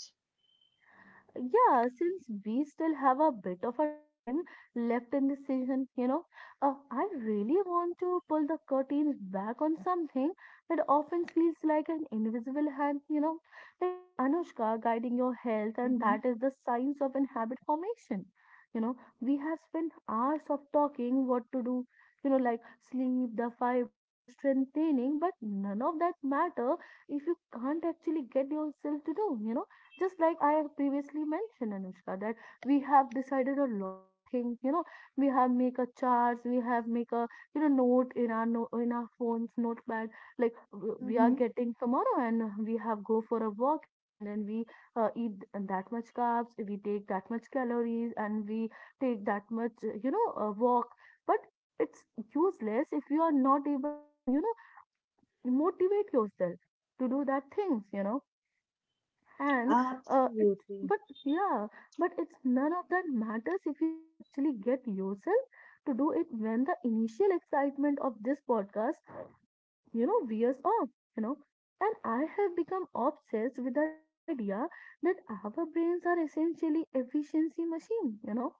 S2: Yeah, since we still have a bit of a time left in this season, I really want to pull the curtains back on something that often feels like an invisible hand, like Anushka guiding your health, and
S1: Mm-hmm.
S2: that is the science of an habit formation. You know, we have spent hours of talking what to do, like sleep, the fiber, the strength training, but none of that matter if you can't actually get yourself to do. Just like I have previously mentioned, Anushka, that we have decided a lot of things. We have make a charts. We have make a note in our no, in our phones notepad, like we are
S1: Mm-hmm.
S2: getting tomorrow, and we have go for a walk, and then we eat that much carbs, we take that much calories, and we take that much walk. But it's useless if you are not able to motivate yourself to do that things. And it's
S1: Absolutely.
S2: but yeah, but it's none of that matters if you actually get yourself to do it when the initial excitement of this podcast wears off you know and I have become obsessed with an idea that our brains are essentially efficiency machine,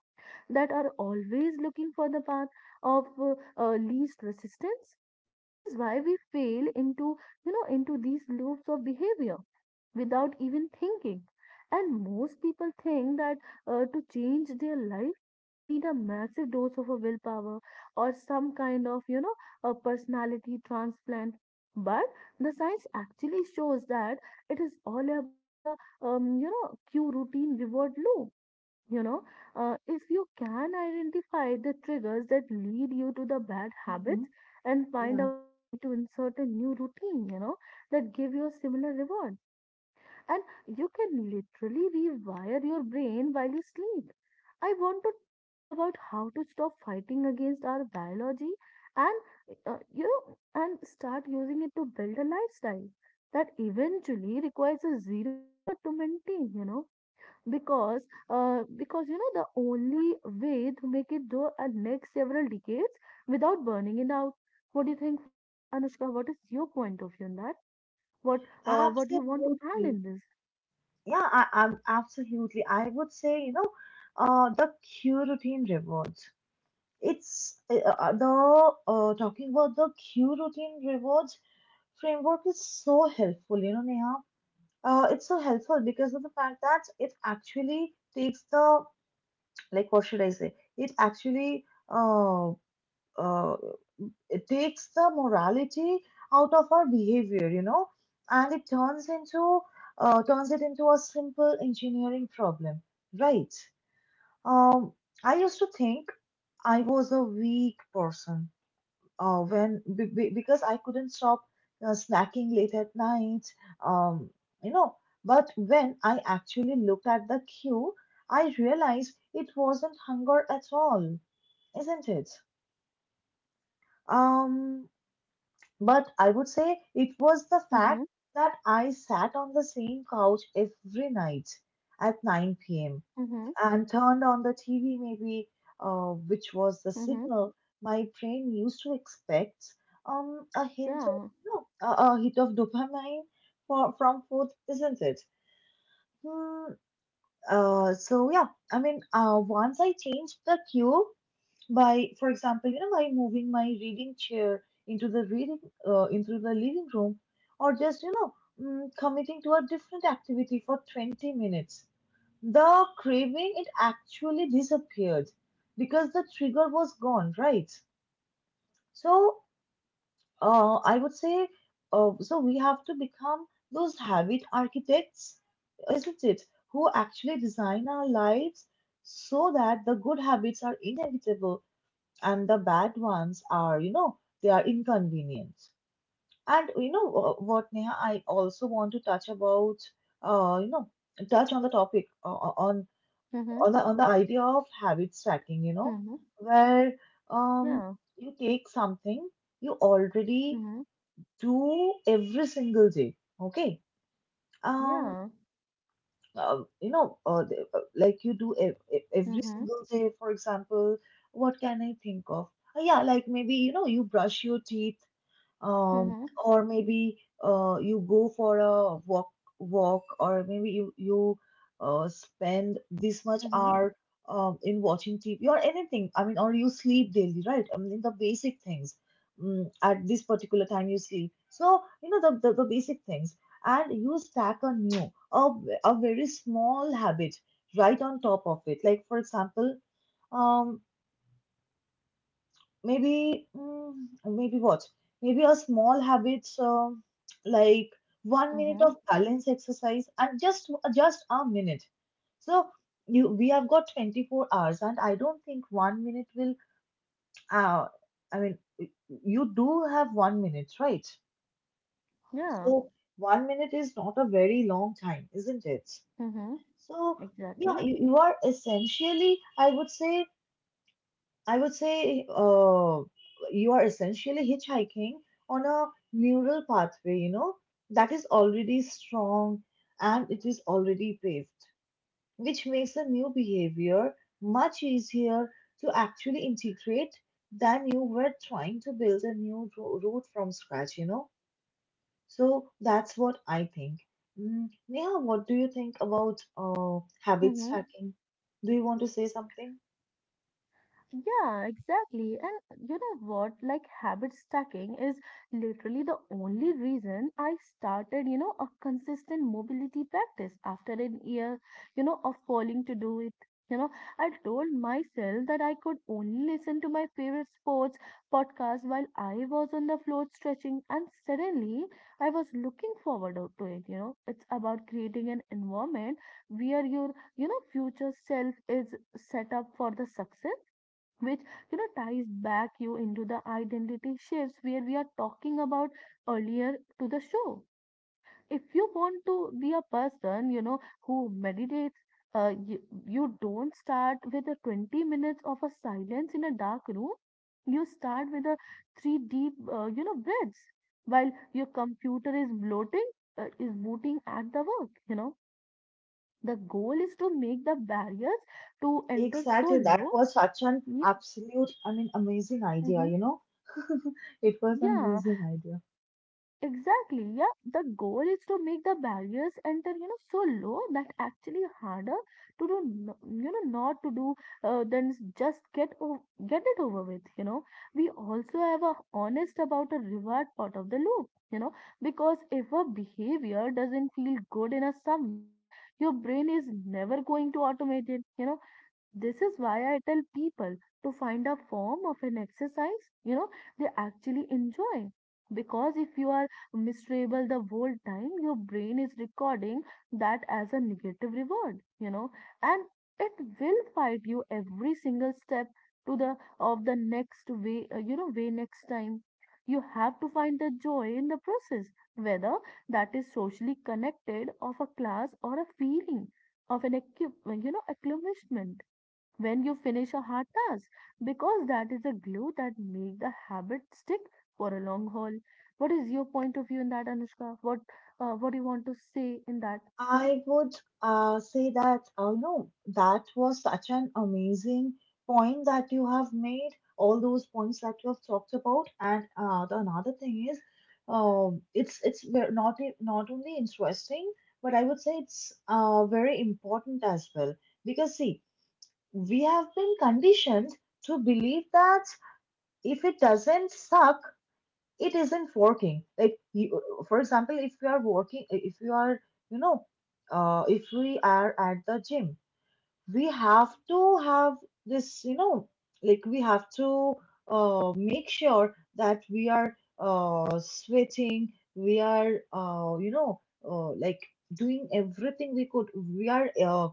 S2: that are always looking for the path of least resistance, which is why we fail into you know into these loops of behavior without even thinking. And most people think that to change their life, they need a massive dose of a willpower or some kind of, a personality transplant. But the science actually shows that it is all about the cue routine reward loop. You know, if you can identify the triggers that lead you to the bad
S1: Mm-hmm.
S2: habits and find
S1: Yeah.
S2: a way to insert a new routine, that give you a similar reward, and you can literally rewire your brain while you sleep. I want to talk about how to stop fighting against our biology, and start using it to build a lifestyle that eventually requires a zero effort to maintain, because the only way to make it through a next several decades without burning it out. What do you think for that, Anushka? What is your point of view on that? What what you want to add
S1: Absolutely.
S2: in this?
S1: Yeah, I'm absolutely. I would say, you know, the Q routine rewards. It's eh, the Talking about the Q routine rewards framework is so helpful, you know, Neha. It's so helpful because of the fact that it actually takes the, like, what should I say? Uh, it takes the morality out of our behavior, you know, and it turns into turns it into a simple engineering problem, right? Um, I used to think I was a weak person, when because I couldn't stop snacking late at night, um, you know. But when I actually looked at the queue, I realized it wasn't hunger at all, isn't it? Um, but I would say it was the fact
S2: Mm-hmm.
S1: that I sat on the same couch every night at 9 p.m.
S2: Mhm.
S1: and turned on the TV, maybe, which was the
S2: Mhm.
S1: signal my brain used to expect a hint of,
S2: Yeah.
S1: you know, a hit of dopamine from food, isn't it? Hmm. So yeah, I mean, once I changed the cue by, for example, you know, by moving my reading chair into into the living room, or just, you know, committing to a different activity for 20 minutes. The craving, it actually disappeared because the trigger was gone, right? So, I would say, so we have to become those habit architects, isn't it? Who actually design our lives so that the good habits are inevitable and the bad ones are, you know, they are inconvenient. And, you know, what, Neha, I also want to touch about, you know, touch on the topic on
S2: Mhm.
S1: on the on the idea of habit stacking, you know,
S2: Mhm.
S1: where um
S2: Yeah.
S1: you take something you already
S2: Mhm.
S1: do every single day, okay? Um,
S2: Yeah.
S1: like, you do every
S2: Mhm.
S1: single day. For example, what can I think of? Yeah, like maybe you know you brush your teeth, um,
S2: Mhm.
S1: or maybe you go for a walk or maybe you spend this much
S2: Mhm.
S1: hour in watching TV or anything. I mean, or you sleep daily, right? I mean, the basic things, at this particular time you sleep, so you know the, the basic things, and you stack a new a very small habit right on top of it. Like for example, um, maybe maybe what, maybe a small habits like 1 minute
S2: Mhm.
S1: of balance exercise, and just a minute. So you we have got 24 hours, and I don't think 1 minute will uh, i mean y- you do have 1 minute, right?
S2: Yeah.
S1: So 1 minute is not a very long time, isn't it?
S2: Mhm.
S1: So
S2: Exactly.
S1: yeah, you are essentially, i would say I would say, you are essentially hitchhiking on a neural pathway, you know, that is already strong and it is already paved, which makes a new behavior much easier to actually integrate than you were trying to build a new route from scratch, you know. So that's what I think. Mm, Neha, what do you think about habit
S2: Mhm.
S1: stacking? Do you want to say something?
S2: Yeah, exactly. And you know what? Like habit stacking is literally the only reason I started, a consistent mobility practice after an year, of falling to do it. You know, I told myself that I could only listen to my favorite sports podcast while I was on the floor stretching, and suddenly I was looking forward out to it. It's about creating an environment where your future self is set up for the success, which ties back you into the identity shifts where we are talking about earlier to the show. If you want to be a person who meditates, uh, you, you don't start with a 20 minutes of a silence in a dark room. You start with a three deep breaths while your computer is bloating, is booting at the work. The goal is to make the barriers to enter so
S1: Exactly. That
S2: low.
S1: was such an
S2: Yeah.
S1: absolute, I mean, amazing idea,
S2: Hmm.
S1: you know? *laughs* It was an
S2: Yeah.
S1: amazing idea.
S2: Exactly, yeah. The goal is to make the barriers enter, so low that actually harder to do, not to do, then just get get it over with. We also have a honest about a reward part of the loop, because if a behavior doesn't feel good in a some way, your brain is never going to automate it. This is why I tell people to find a form of an exercise, they actually enjoy. Because if you are miserable the whole time, your brain is recording that as a negative reward, and it will fight you every single step to the of the next way next time. You have to find the joy in the process, whether that is socially connected of a class or a feeling of an accomplishment when you finish a hard task, because that is the glue that make the habit stick for a long haul. What is your point of view in that, Anushka? What do you want to say in that? You know?
S1: I would say that, oh no, that was such an amazing point that you have made, all those points that you have talked about. And the another thing is, it's not not only interesting, but I would say it's very important as well. Because see, we have been conditioned to believe that if it doesn't suck it isn't working. Like you, for example, if you are working, if you are, you know, if we are at the gym, we have to have this, you know, like we have to make sure that we are sweating, we are you know, like doing everything we could, we are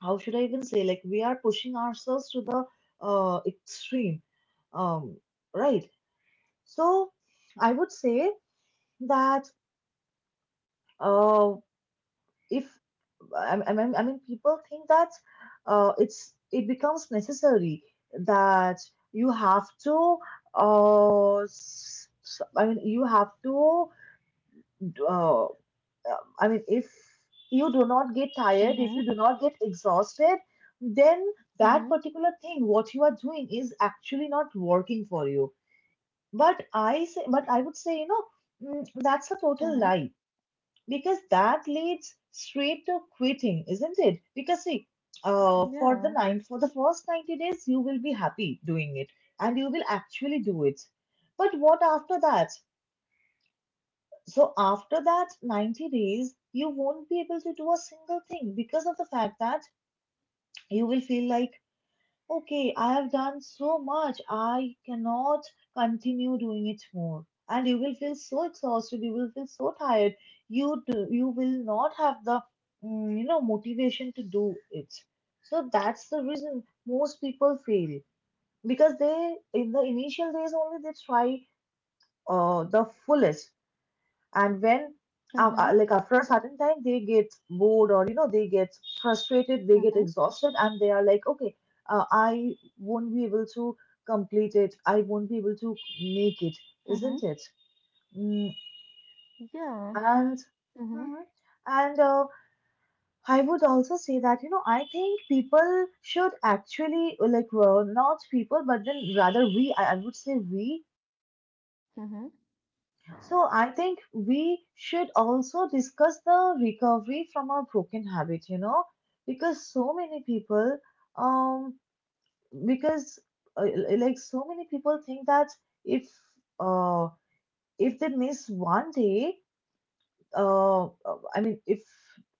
S1: how should I even say, like we are pushing ourselves to the extreme, um, right? So I would say that, uh, if I mean, people think that it's it becomes necessary that you have to I mean you have to, uh, I mean, if you do not get tired, if
S2: Mm-hmm.
S1: you do not get exhausted, then that
S2: Mm-hmm.
S1: particular thing what you are doing is actually not working for you. But I say, but I would say, you know, that's a total
S2: Mm-hmm.
S1: lie, because that leads straight to quitting, isn't it? Because see, for the
S2: Yeah.
S1: first 90 days, you will be happy doing it and you will actually do it. But what after that? So after that 90 days, you won't be able to do a single thing, because of the fact that you will feel like okay, I have done so much, I cannot continue doing it more. And you will feel so exhausted, you will feel so tired, you will not have the you know, motivation to do it. So that's the reason most people fail, because they in the initial days only they try the fullest, and when
S2: Mm-hmm.
S1: like after a certain time they get bored, or you know they get frustrated, they get
S2: Mm-hmm.
S1: exhausted, and they are like okay, I won't be able to complete it, I won't be able to make it,
S2: Mm-hmm.
S1: isn't it? mm,
S2: Yeah.
S1: and
S2: Mm-hmm.
S1: mhm. And I would also say that, you know, I think people should actually, like, well, not people but then rather we I would say we.
S2: Mm-hmm.
S1: So I think we should also discuss the recovery from our broken habit, you know, because so many people, um, because uh, like so many people think that if uh if they miss 1 day, I mean, if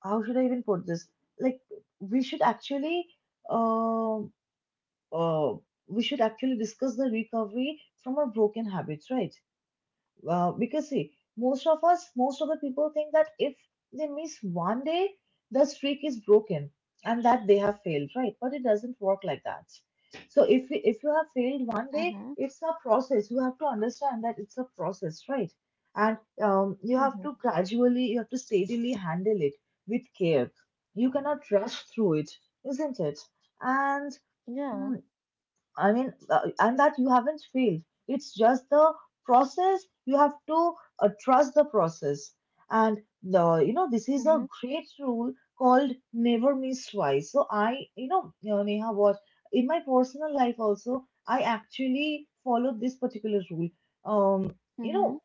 S1: how should I even put this? Like we should actually, uh, uh, we should actually discuss the recovery from our broken habits, right? Well, because see, most of us, most of the people think that if they miss 1 day, the streak is broken and that they have failed, right? But it doesn't work like that. So if you have failed 1 day,
S2: Mm-hmm.
S1: it's a process. You have to understand that it's a process, right? And you have
S2: Mm-hmm.
S1: to gradually, you have to steadily handle it with care. You cannot rush through it, isn't it? And
S2: Yeah.
S1: mm, I mean, and that you haven't failed. It's just the process. You have to trust the process. And the, you know, this is
S2: Mm-hmm.
S1: a great rule called never miss twice. So you know, Neha, what, in my personal life also, I actually followed this particular rule. Um, you
S2: Mm-hmm.
S1: know,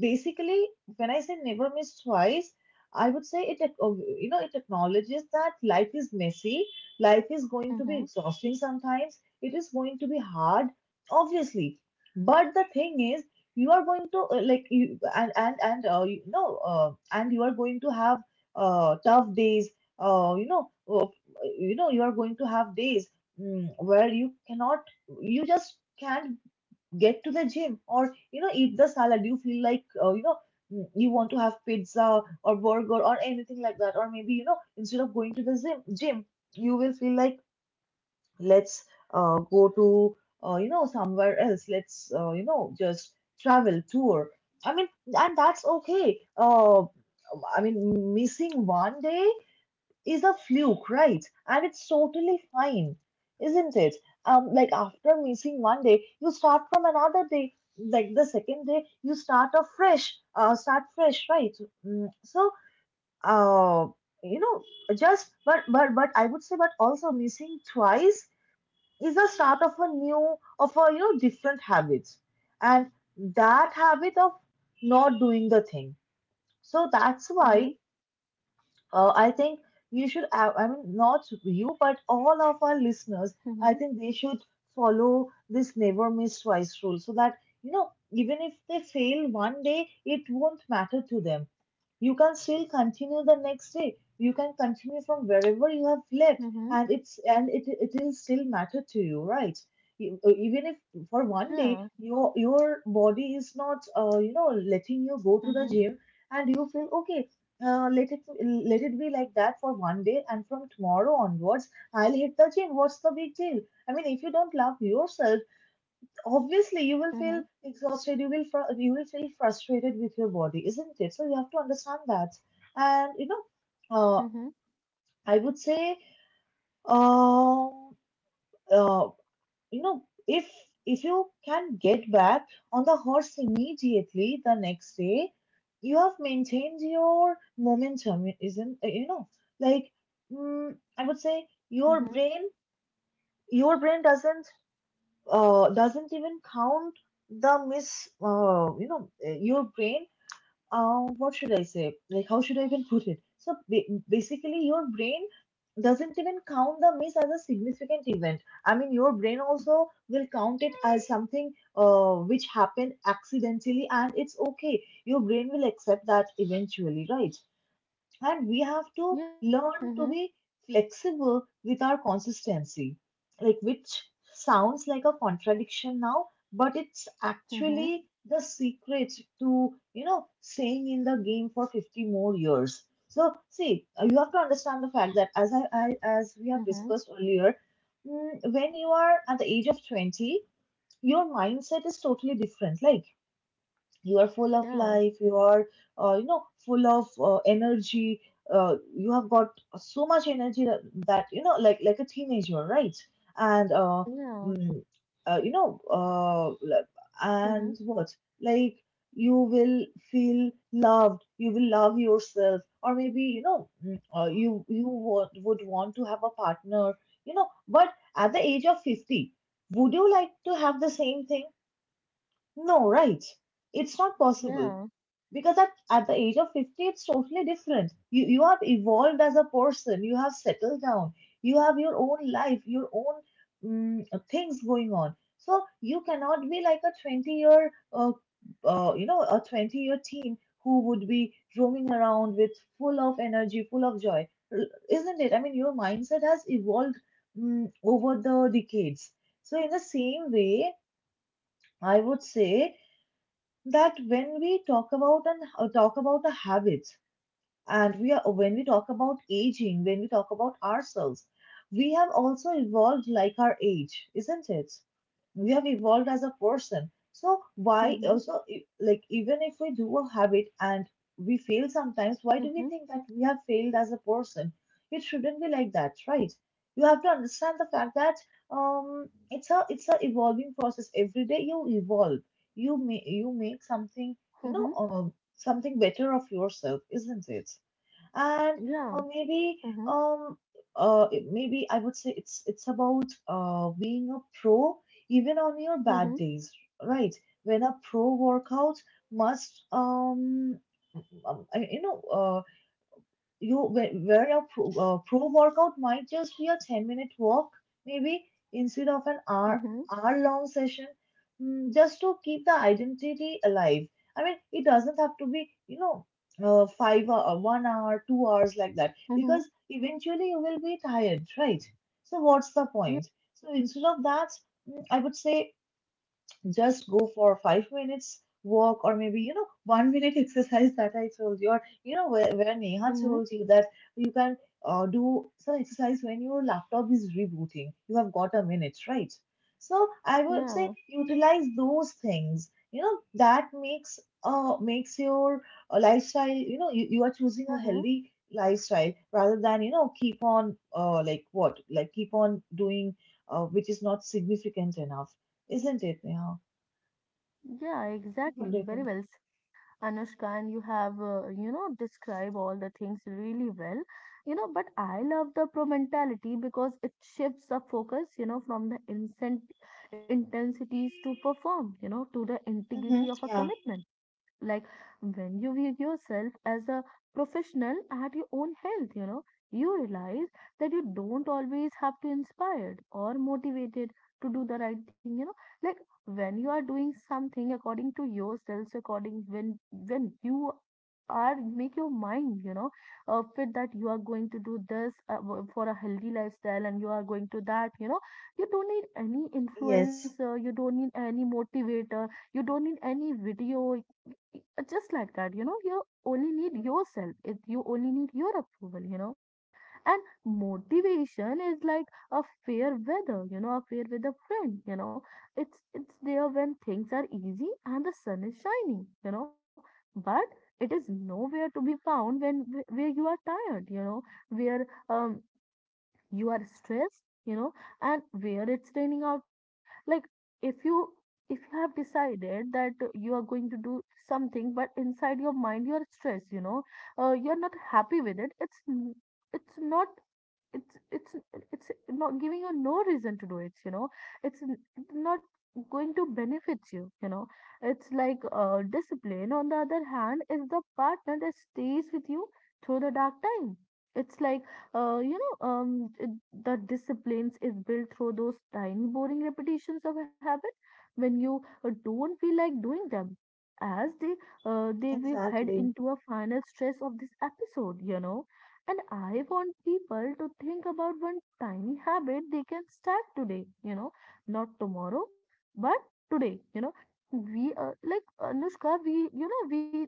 S1: basically, when I say never miss twice, I would say you know, it acknowledges that life is messy. Life is going to be
S2: Mm-hmm.
S1: exhausting sometimes, it is going to be hard, obviously. But the thing is, you are going to like you and you know, and you are going to have tough days. Uh, you know, uh, you know, you are going to have days where you cannot, you just can't get to the gym, or you know, eat the salad. You feel like, you know, you want to have pizza or burger or anything like that. Or maybe, you know, instead of going to the gym, you will feel like let's go to you know somewhere else, let's you know, just travel, tour, I mean. And that's okay. I mean, missing 1 day is a fluke, right? And it's totally fine, isn't it? Like after missing 1 day, you start from another day, like the second day you start afresh, start fresh, right? Mm, so uh, you know, just but I would say, but also missing twice is the start of a new, of a you know, different habit, and that habit of not doing the thing. So that's
S2: Mm-hmm.
S1: why, I think you should I mean, not you, but all of our listeners, I
S2: Mm-hmm.
S1: think they should follow this never miss twice rule, so that you know, even if they fail 1 day, it won't matter to them. You can still continue the next day, you can continue from wherever you have left,
S2: Mm-hmm.
S1: and it's and it will still matter to you, right? Even if for one
S2: Yeah.
S1: day your body is not, you know, letting you go to
S2: Mm-hmm.
S1: the gym and you feel okay, let it, be like that for 1 day, and from tomorrow onwards I'll hit the gym. What's the big deal? I mean, if you don't love yourself, obviously you will
S2: Mm-hmm.
S1: feel exhausted, you will you will feel frustrated with your body, isn't it? So you have to understand that. And you know, uh,
S2: Mm-hmm. Mm-hmm.
S1: I would say, um uh, you know, if you can get back on the horse immediately the next day, you have maintained your momentum, isn't, you know, like I would say your brain, your brain doesn't even count the miss, you know, your brain. What should I say? Like, how should I even put it? So basically, your brain doesn't even count the miss as a significant event. I mean, your brain also will count it as something which happened accidentally, and it's okay. Your brain will accept that eventually, right? And we have to
S2: Yeah.
S1: learn
S2: Mm-hmm.
S1: to be flexible with our consistency, like which sounds like a contradiction now, but it's
S2: Mm-hmm.
S1: actually the secret to you know, staying in the game for 50 more years. So see, you have to understand the fact that I as we have
S2: Mm-hmm.
S1: discussed earlier, mm, when you are at the age of 20, your mindset is totally different. Like you are full of
S2: Yeah.
S1: life, you are you know, full of energy, you have got so much energy that you know, like a teenager, right? And
S2: Yeah.
S1: mm, you know
S2: Mhm.
S1: and what, like you will feel loved, you will love yourself, or maybe you know, would want to have a partner, you know. But at the age of 50, would you like to have the same thing? No, right. It's not possible.
S2: Yeah.
S1: Because at the age of 50, it's totally different. You have evolved as a person, you have settled down, you have your own life, your own mm, things going on. So you cannot be like a 20 year, you know, a 20-year teen who would be roaming around with full of energy, full of joy. L- Isn't it? I mean, your mindset has evolved over the decades. So, in the same way, I would say that when we talk about the habits, and we are when we talk about aging, when we talk about ourselves, we have also evolved like our age, isn't it? We have evolved as a person, so why
S2: Mhm.
S1: also like even if we do a habit and we fail sometimes, why do we
S2: Mhm.
S1: think that we have failed as a person? It shouldn't be like that, right? You have to understand the fact that it's a evolving process. Every day you evolve, you make something, you know
S2: Mhm.
S1: um something better of yourself, isn't it? And
S2: Yeah.
S1: maybe
S2: Mhm.
S1: um maybe I would say it's about being a pro even on your
S2: Mhm.
S1: bad days, right? When a pro workout must um, I- you know uh, you, where your pro, pro workout might just be a 10-minute walk, maybe, instead of an
S2: Mhm.
S1: hour long session, just to keep the identity alive. I mean, it doesn't have to be, 5 or 1 hour, 2 hours, like that,
S2: Mhm.
S1: because eventually you will be tired, right? So what's the
S2: Yeah.
S1: point? So instead of that, I would say just go for 5 minutes walk, or maybe, you know, 1 minute *laughs* exercise that I told you, or you know, where Neha
S2: Mhm.
S1: told you that you can do some exercise when your laptop is rebooting. You have got a minute, right? So I would
S2: Yeah.
S1: say utilize those things, you know, that makes makes your lifestyle, you know. You are choosing a
S2: Mhm.
S1: healthy lifestyle rather than, you know, keep on like what like keep on doing which is not significant enough. Isn't it, Neha?
S2: Yeah,
S1: What
S2: exactly.
S1: do you
S2: Very
S1: think?
S2: well said, Anushka. And you have, describe all the things really well. But I love the pro mentality because it shifts the focus, from the incent intensities to perform, to the
S1: Mm-hmm.
S2: integrity of a
S1: Yeah.
S2: commitment, like when you view yourself as a professional at your own health. You realize that you don't always have to inspired or motivated to do the right thing. Like when you are doing something according to yourselves, according when you are make your mind, fit that you are going to do this for a healthy lifestyle, and you are going to that. You don't need any
S1: Yes.
S2: influencer, you don't need any motivator, you don't need any video, uh, just like that. You only need yourself. It you only need your approval. And motivation is like a fair weather, a fair weather friend. It's there when things are easy and the sun is shining, but it is nowhere to be found when where you are tired, where you are stressed, and where it's raining outside. Like, if you if you have decided that you are going to do something, but inside your mind you are stressed. You're not happy with it. It's it's not. It's it's it's not giving you no reason to do it. It's n- Not going to benefit you. You know It's like discipline on the other hand is the partner that stays with you through the dark time. It's like uh, you know um, it- the disciplines is built through those tiny boring repetitions of a habit when you don't feel like doing them as they will head
S1: Exactly.
S2: into a final stress of this episode. And I want people to think about one tiny habit they can start today, not tomorrow, but today. We like, Anushka, we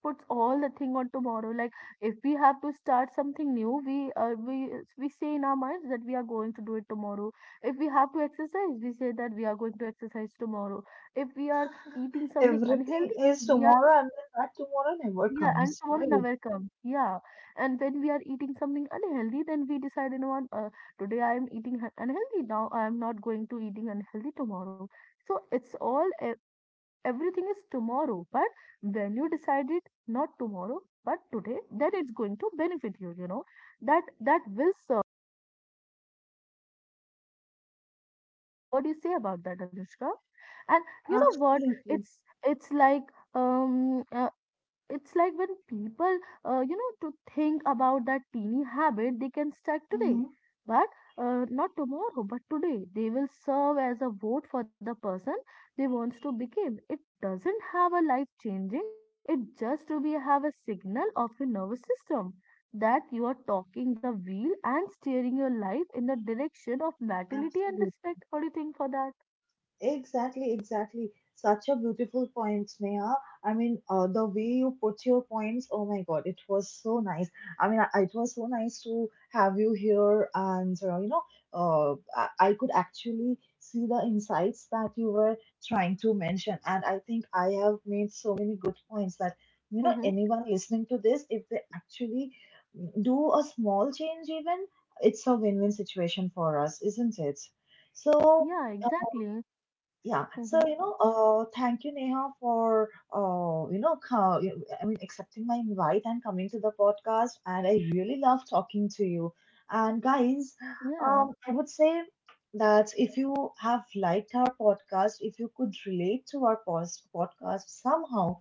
S2: puts all the thing on tomorrow. Like, if we have to start something new, we say in our minds that we are going to do it tomorrow. If we have to exercise, we say that we are going to exercise tomorrow. If we are eating
S1: *laughs*
S2: something
S1: Everything
S2: unhealthy,
S1: is
S2: we are,
S1: tomorrow, and then that tomorrow never
S2: yeah, and
S1: comes,
S2: someone will
S1: right?
S2: never come. Yeah. And when we are eating something unhealthy, then we decide, you know what, today I am eating unhealthy. Now I am not going to eating unhealthy tomorrow. So it's all, everything is tomorrow. But when you decide it, not tomorrow, but today, then it's going to benefit you, you know. That will serve. What do you say about that, Anushka? And you know what?
S1: Absolutely.
S2: It's, it's like, um, uh, it's like when people to think about that teeny habit they can start today, but not tomorrow but today, they will serve as a vote for the person they wants to become. It doesn't have a life changing. It just to be have a signal of your nervous system that you are talking the wheel and steering your life in the direction of vitality and
S1: Mm-hmm.
S2: respect. What do you think for that?
S1: Exactly, exactly. Such a beautiful point, Sneha. I mean, the way you put your points, oh my God, it was so nice. I mean, it was so nice to have you here, and you know, I could actually see the insights that you were trying to mention, and I think I have made so many good points that, you know,
S2: Mm-hmm.
S1: anyone listening to this, if they actually do a small change, even it's a win-win situation for us, isn't it? So.
S2: Yeah, exactly.
S1: Yeah, so
S2: Mm-hmm.
S1: you know, thank you, Neha, for you know, I mean, accepting my invite and coming to the podcast. And I really love talking to you. And guys,
S2: Yeah.
S1: I would say that if you have liked our podcast, if you could relate to our podcast somehow,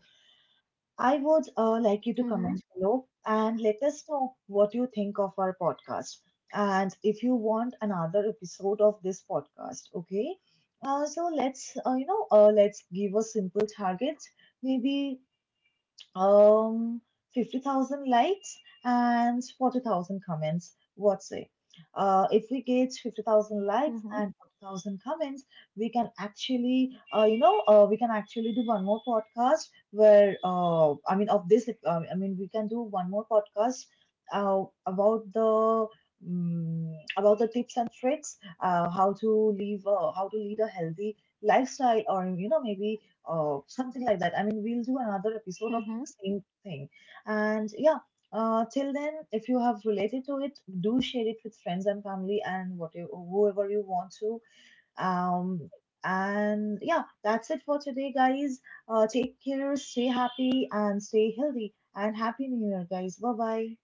S1: I would like you to
S2: Mm-hmm.
S1: comment below and let us know what you think of our podcast, and if you want another episode of this podcast. Okay. So let's, you know, let's give a simple target. Maybe um, 50,000 likes and 40,000 comments. What say? If we get 50,000 likes
S2: Mm-hmm.
S1: and 40,000 comments, we can actually, you know, we can actually do one more podcast where, I mean, we can do one more podcast uh, about the about the tips and tricks, how to live, how to lead a healthy lifestyle, or you know, maybe something like that. I mean, we'll do another episode of the
S2: Mm-hmm.
S1: same thing. And yeah, till then, if you have related to it, do share it with friends and family and whatever, whoever you want to. Um, and yeah, that's it for today, guys. Take care, stay happy, and stay healthy. And happy New Year, guys. Bye bye.